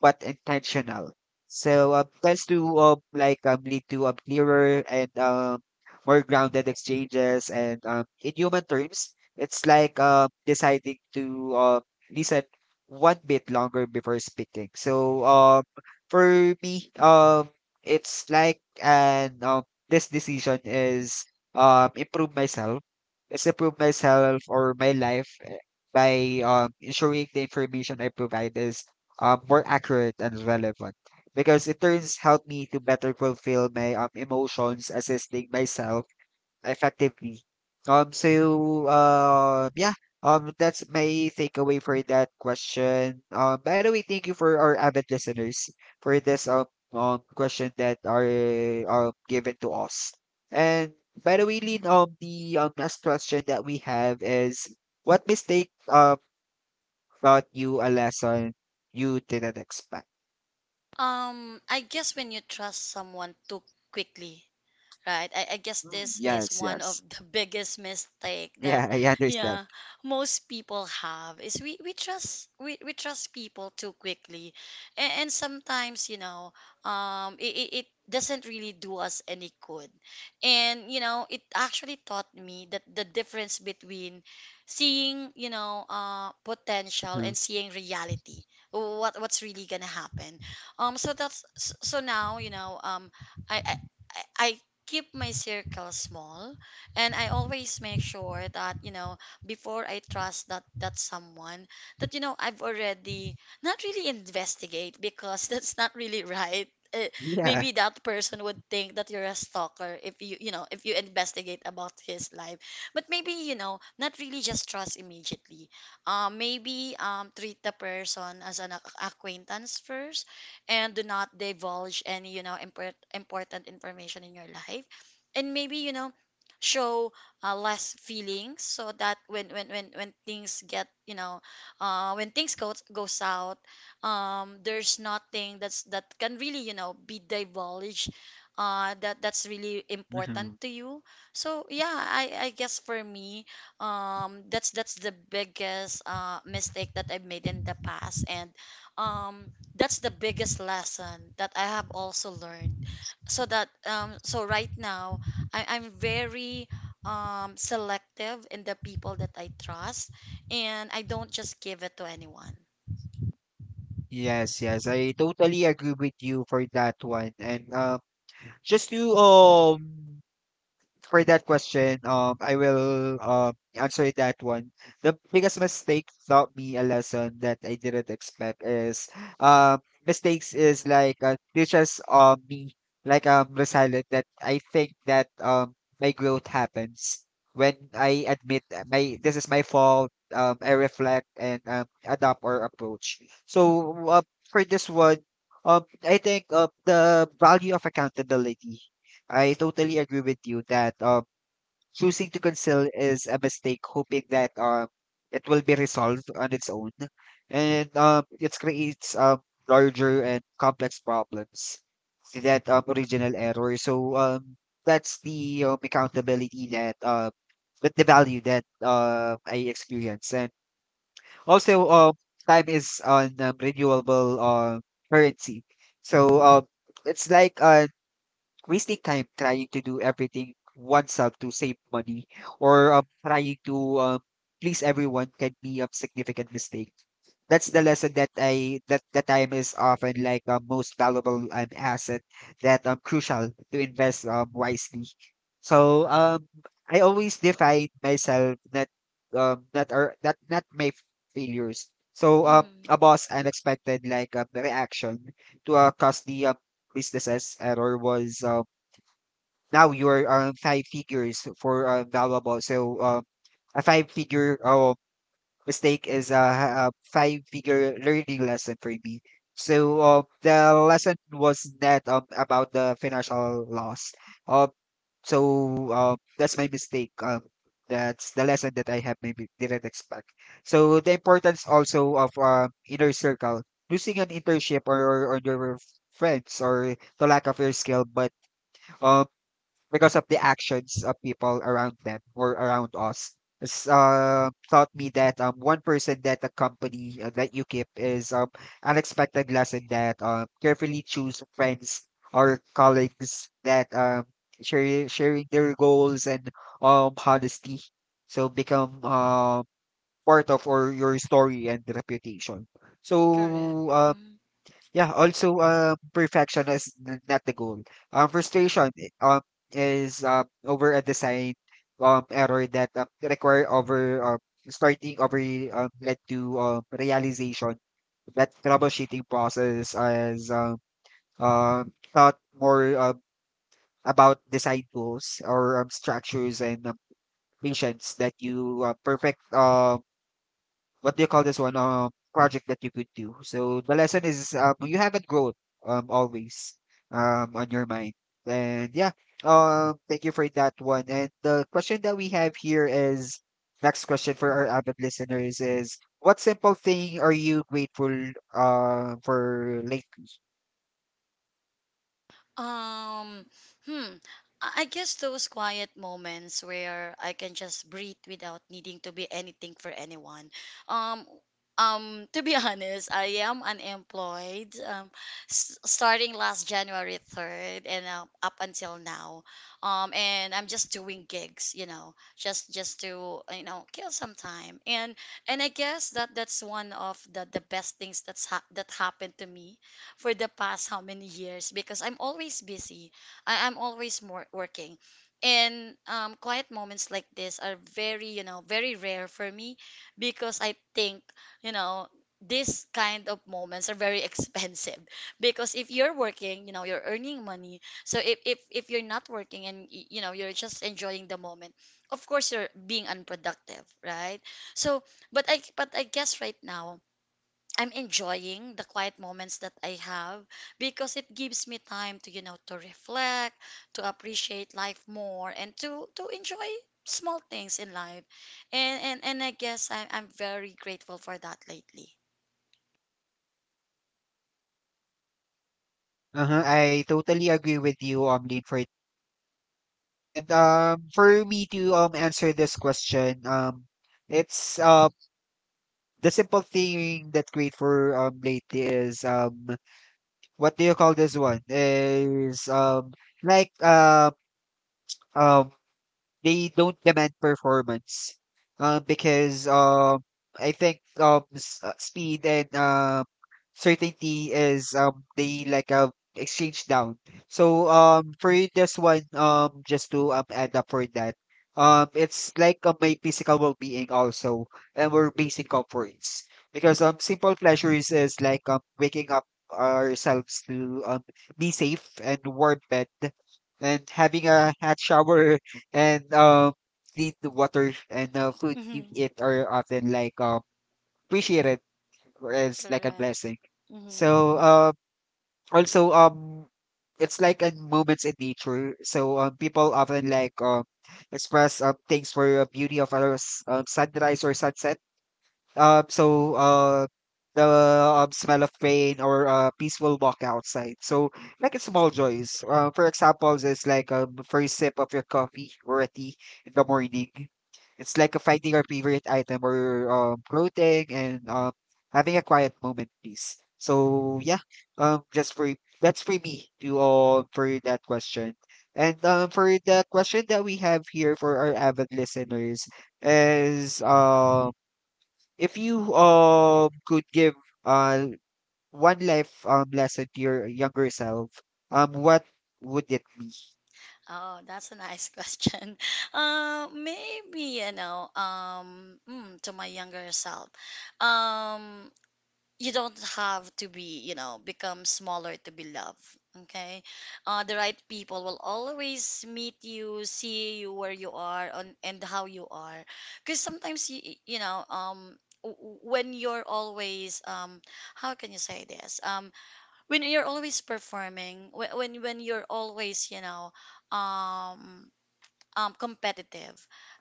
[SPEAKER 1] but intentional. So tends to lead to clearer and more grounded exchanges. And in human terms, it's like deciding to listen one bit longer before speaking. So for me, it's like and this decision is improve myself. It's improve myself or my life by ensuring the information I provide is more accurate and relevant. Because it turns help me to better fulfill my emotions, assisting myself effectively. Yeah, that's my takeaway for that question. By the way, thank you for our avid listeners for this question that are given to us. And by the way, Lin, the last question that we have is, what mistake taught you a lesson you didn't expect.
[SPEAKER 2] I guess when you trust someone too quickly. Right. I guess
[SPEAKER 1] Mm,
[SPEAKER 2] this is
[SPEAKER 1] yes,
[SPEAKER 2] one of
[SPEAKER 1] yes.
[SPEAKER 2] the biggest mistake that,
[SPEAKER 1] Yeah, I understand.
[SPEAKER 2] yeah, most people have is we trust people too quickly. And sometimes, you know, it doesn't really do us any good. And, you know, it actually taught me that the difference between seeing, you know, potential
[SPEAKER 1] Mm.
[SPEAKER 2] and seeing reality. What what's really gonna happen. So that's, so so now, you know, I, I I keep my circle small, and I always make sure that, you know, before I trust that that someone, that you know, I've already not really investigate, because that's not really right. Eh,
[SPEAKER 1] Yeah.
[SPEAKER 2] maybe that person would think that you're a stalker if you, you know, if you investigate about his life. But maybe, you know, not really just trust immediately. Maybe treat the person as an acquaintance first, and do not divulge any, you know, important information in your life. And maybe, you know, show less feelings so that when things get, you know, when things goes go south, there's nothing that's that can really, you know, be divulged, that that's really important
[SPEAKER 1] Hmm.
[SPEAKER 2] to you. So yeah, I guess for me, that's the biggest mistake that I've made in the past. And um that's the biggest lesson that I have also learned. So that, so right now I'm very selective in the people that I trust, and I don't just give it to anyone.
[SPEAKER 1] Yes, yes. I totally agree with you for that one. And just to for that question, I will answer that one. The biggest mistake taught me a lesson that I didn't expect is um mistakes is like teaches me like resilient that I think that my growth happens when I admit that my this is my fault. I reflect and adapt or approach. So for this one, I think the value of accountability. I totally agree with you that choosing to conceal is a mistake, hoping that it will be resolved on its own, and it creates larger and complex problems to that original error. So that's the accountability that with the value that I experience, and also time is on renewable currency. So it's like wasting time trying to do everything oneself to save money or trying to please everyone can be a significant mistake. That's the lesson that I, that the time is often like a most valuable asset that crucial to invest wisely. So I always define myself that that are that not my failures. So
[SPEAKER 2] Mm-hmm.
[SPEAKER 1] a boss unexpected like reaction to a costly business's error was now your five figures for valuable. So a five figure mistake is a five-figure learning lesson for me. So the lesson was not about the financial loss. Um, that's my mistake. That's the lesson that I have maybe didn't expect. So the importance also of inner circle, losing an internship or your friends or the lack of your skill, but um because of the actions of people around them or around us. It's, taught me that one person that a company that you keep is unexpected lesson that carefully choose friends or colleagues that sharing their goals and honesty. So become part of or your story and reputation.
[SPEAKER 2] Correct.
[SPEAKER 1] So yeah, also perfection is not the goal. Frustration is over a design error that require over starting over, led to realization that troubleshooting process is thought more about design tools or structures and patience that you perfect what do you call this one, project that you could do. So the lesson is you have it growth always on your mind. And yeah, thank you for that one. And the question that we have here is, next question for our avid listeners is, what simple thing are you grateful for like?
[SPEAKER 2] Um, hmm. I guess those quiet moments where I can just breathe without needing to be anything for anyone. Um, to be honest, I am unemployed. Starting last January 3rd and up until now. And I'm just doing gigs, you know, just to, you know, kill some time. And I guess that that's one of the best things that's that happened to me for the past how many years, because I'm always busy. I'm always more working. And quiet moments like this are very, you know, very rare for me, because I think, you know, this kind of moments are very expensive because if you're working, you know, you're earning money. So if you're not working, and, you know, you're just enjoying the moment, of course you're being unproductive, right? So, but I guess right now, I'm enjoying the quiet moments that I have, because it gives me time to, you know, to reflect, to appreciate life more, and to enjoy small things in life. And and I guess I'm very grateful for that lately.
[SPEAKER 1] Uh-huh, I totally agree with you Lin for. And for me to answer this question, it's the simple thing that great for lately is what do you call this one is like uh um they don't demand performance, because I think speed and certainty is they like exchange down. So for this one, just to add up for that, it's like my physical well-being also and we're basic comforts, because simple pleasures is like waking up ourselves to be safe and warm bed and having a hot shower and clean the water and food you
[SPEAKER 2] Hmm.
[SPEAKER 1] eat are often like appreciated as like a
[SPEAKER 2] Correct.
[SPEAKER 1] blessing.
[SPEAKER 2] Hmm.
[SPEAKER 1] So also it's like in moments in nature. So people often like express things for beauty of a sunrise or sunset, uh, so uh, the smell of rain or a peaceful walk outside. So like it's small joys. For example, it's like a first sip of your coffee or a tea in the morning. It's like a finding your favorite item or clothing and having a quiet moment, please. So yeah, just for that's for me to all for that question. And for the question that we have here for our avid listeners is if you could give uh one life lesson to your younger self, what would it be?
[SPEAKER 2] Oh, that's a nice question. Maybe you know, to my younger self. Um, you don't have to be, you know, become smaller to be loved. Okay. The right people will always meet you, see you where you are on, and how you are. Because sometimes, you know, when you're always, how can you say this? When you're always performing, when you're always, you know, um, competitive.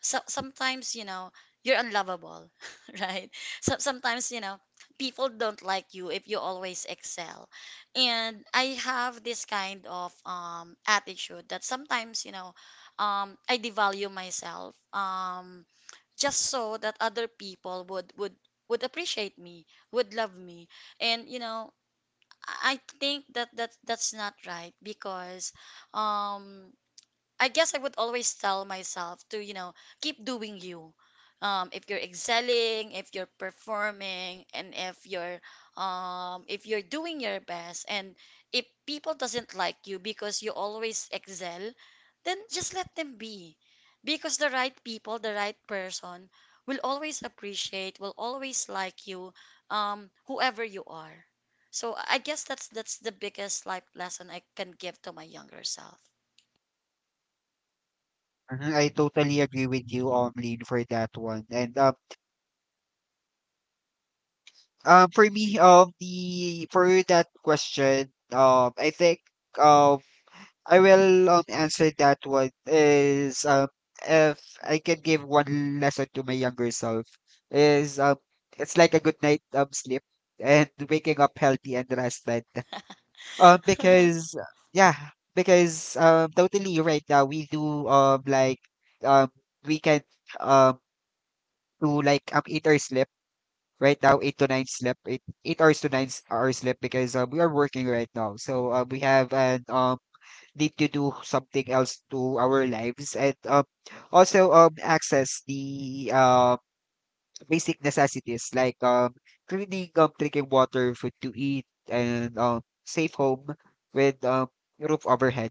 [SPEAKER 2] So sometimes, you know, you're unlovable right. So sometimes, you know, people don't like you if you always excel. And I have this kind of attitude that sometimes, you know, I devalue myself, just so that other people would would appreciate me, would love me. And you know, I I think that that that's not right, because um I guess I would always tell myself to, you know, keep doing you. If you're excelling, if you're performing, and if you're doing your best, and if people doesn't like you because you always excel, then just let them be, because the right people, the right person will always appreciate, will always like you, whoever you are. So I guess that's the biggest life lesson I can give to my younger self.
[SPEAKER 1] Mhm, I totally agree with you, Lin, for that one. And for me, the for that question, I think um, I will answer that one is if I can give one lesson to my younger self is it's like a good night sleep and waking up healthy and rested. Because yeah, because totally right now we do um we can um do like 8 hours sleep, right now 8 to 9 sleep, eight hours to nine hours sleep because we are working right now, so we have an need to do something else to our lives, and also access the basic necessities like cleaning, drinking water, food to eat, and safe home with roof overhead.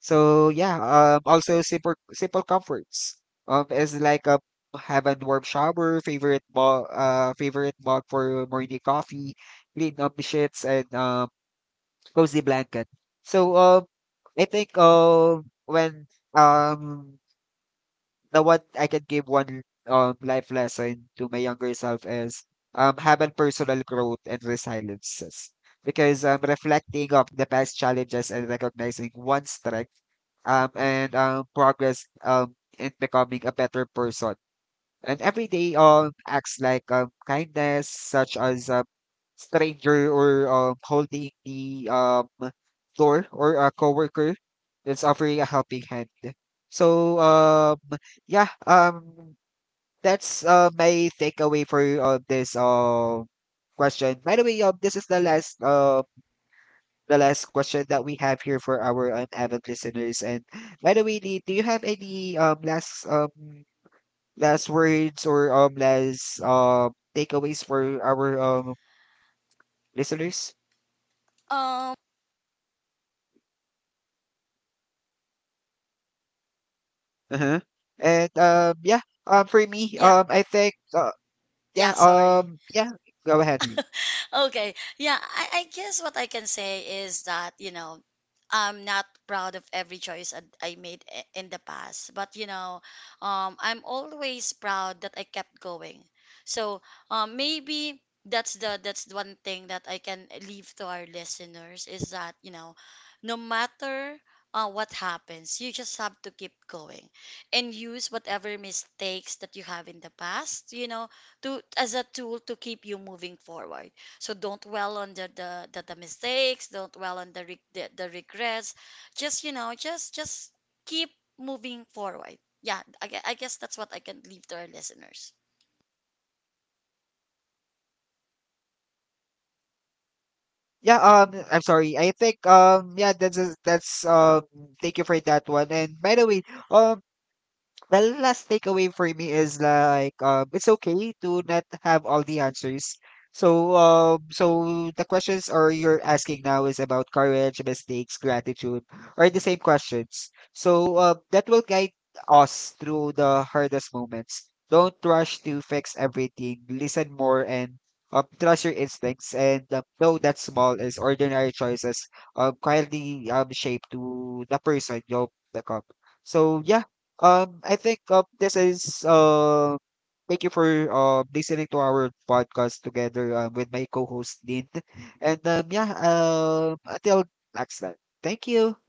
[SPEAKER 1] So yeah, also simple comforts. Is like have a warm shower, favorite mug, favorite mug for morning coffee, clean up the sheets, and cozy blanket. So I think when um the one I can give one life lesson to my younger self is have a personal growth and resiliences. Because reflecting of the past challenges and recognizing one's strength and progress in becoming a better person, and everyday acts like kindness, such as a stranger or holding the door or a coworker that's offering a helping hand. So yeah um that's my takeaway for this question. By the way, this is the last question that we have here for our avid listeners. And by the way, Lee, do you have
[SPEAKER 2] Mm.
[SPEAKER 1] any last last words or last takeaways for our listeners?
[SPEAKER 2] Um,
[SPEAKER 1] Uh-huh. And yeah, for me,
[SPEAKER 2] yeah,
[SPEAKER 1] I think yeah,
[SPEAKER 2] yeah, sorry.
[SPEAKER 1] yeah, go ahead, Lee.
[SPEAKER 2] Okay. Yeah, I guess what I can say is that, you know, I'm not proud of every choice I made in the past, but you know, I'm always proud that I kept going. So, maybe that's the one thing that I can leave to our listeners is that, you know, no matter what happens, you just have to keep going, and use whatever mistakes that you have in the past, you know, to as a tool to keep you moving forward. So don't dwell on the mistakes. Don't dwell on the, the regrets. Just you know, just keep moving forward. Yeah, I guess that's what I can leave to our listeners.
[SPEAKER 1] Yeah, I'm sorry. I think yeah, that's thank you for that one. And by the way, um the last takeaway for me is like it's okay to not have all the answers. So so the questions are you're asking now is about courage, mistakes, gratitude, are the same questions. So that will guide us through the hardest moments. Don't rush to fix everything. Listen more and trust your instincts and know that small is ordinary choices quietly shape to the person you'll become. So yeah. I think this is thank you for listening to our podcast together with my co-host Dean. And yeah, until next time. Thank you.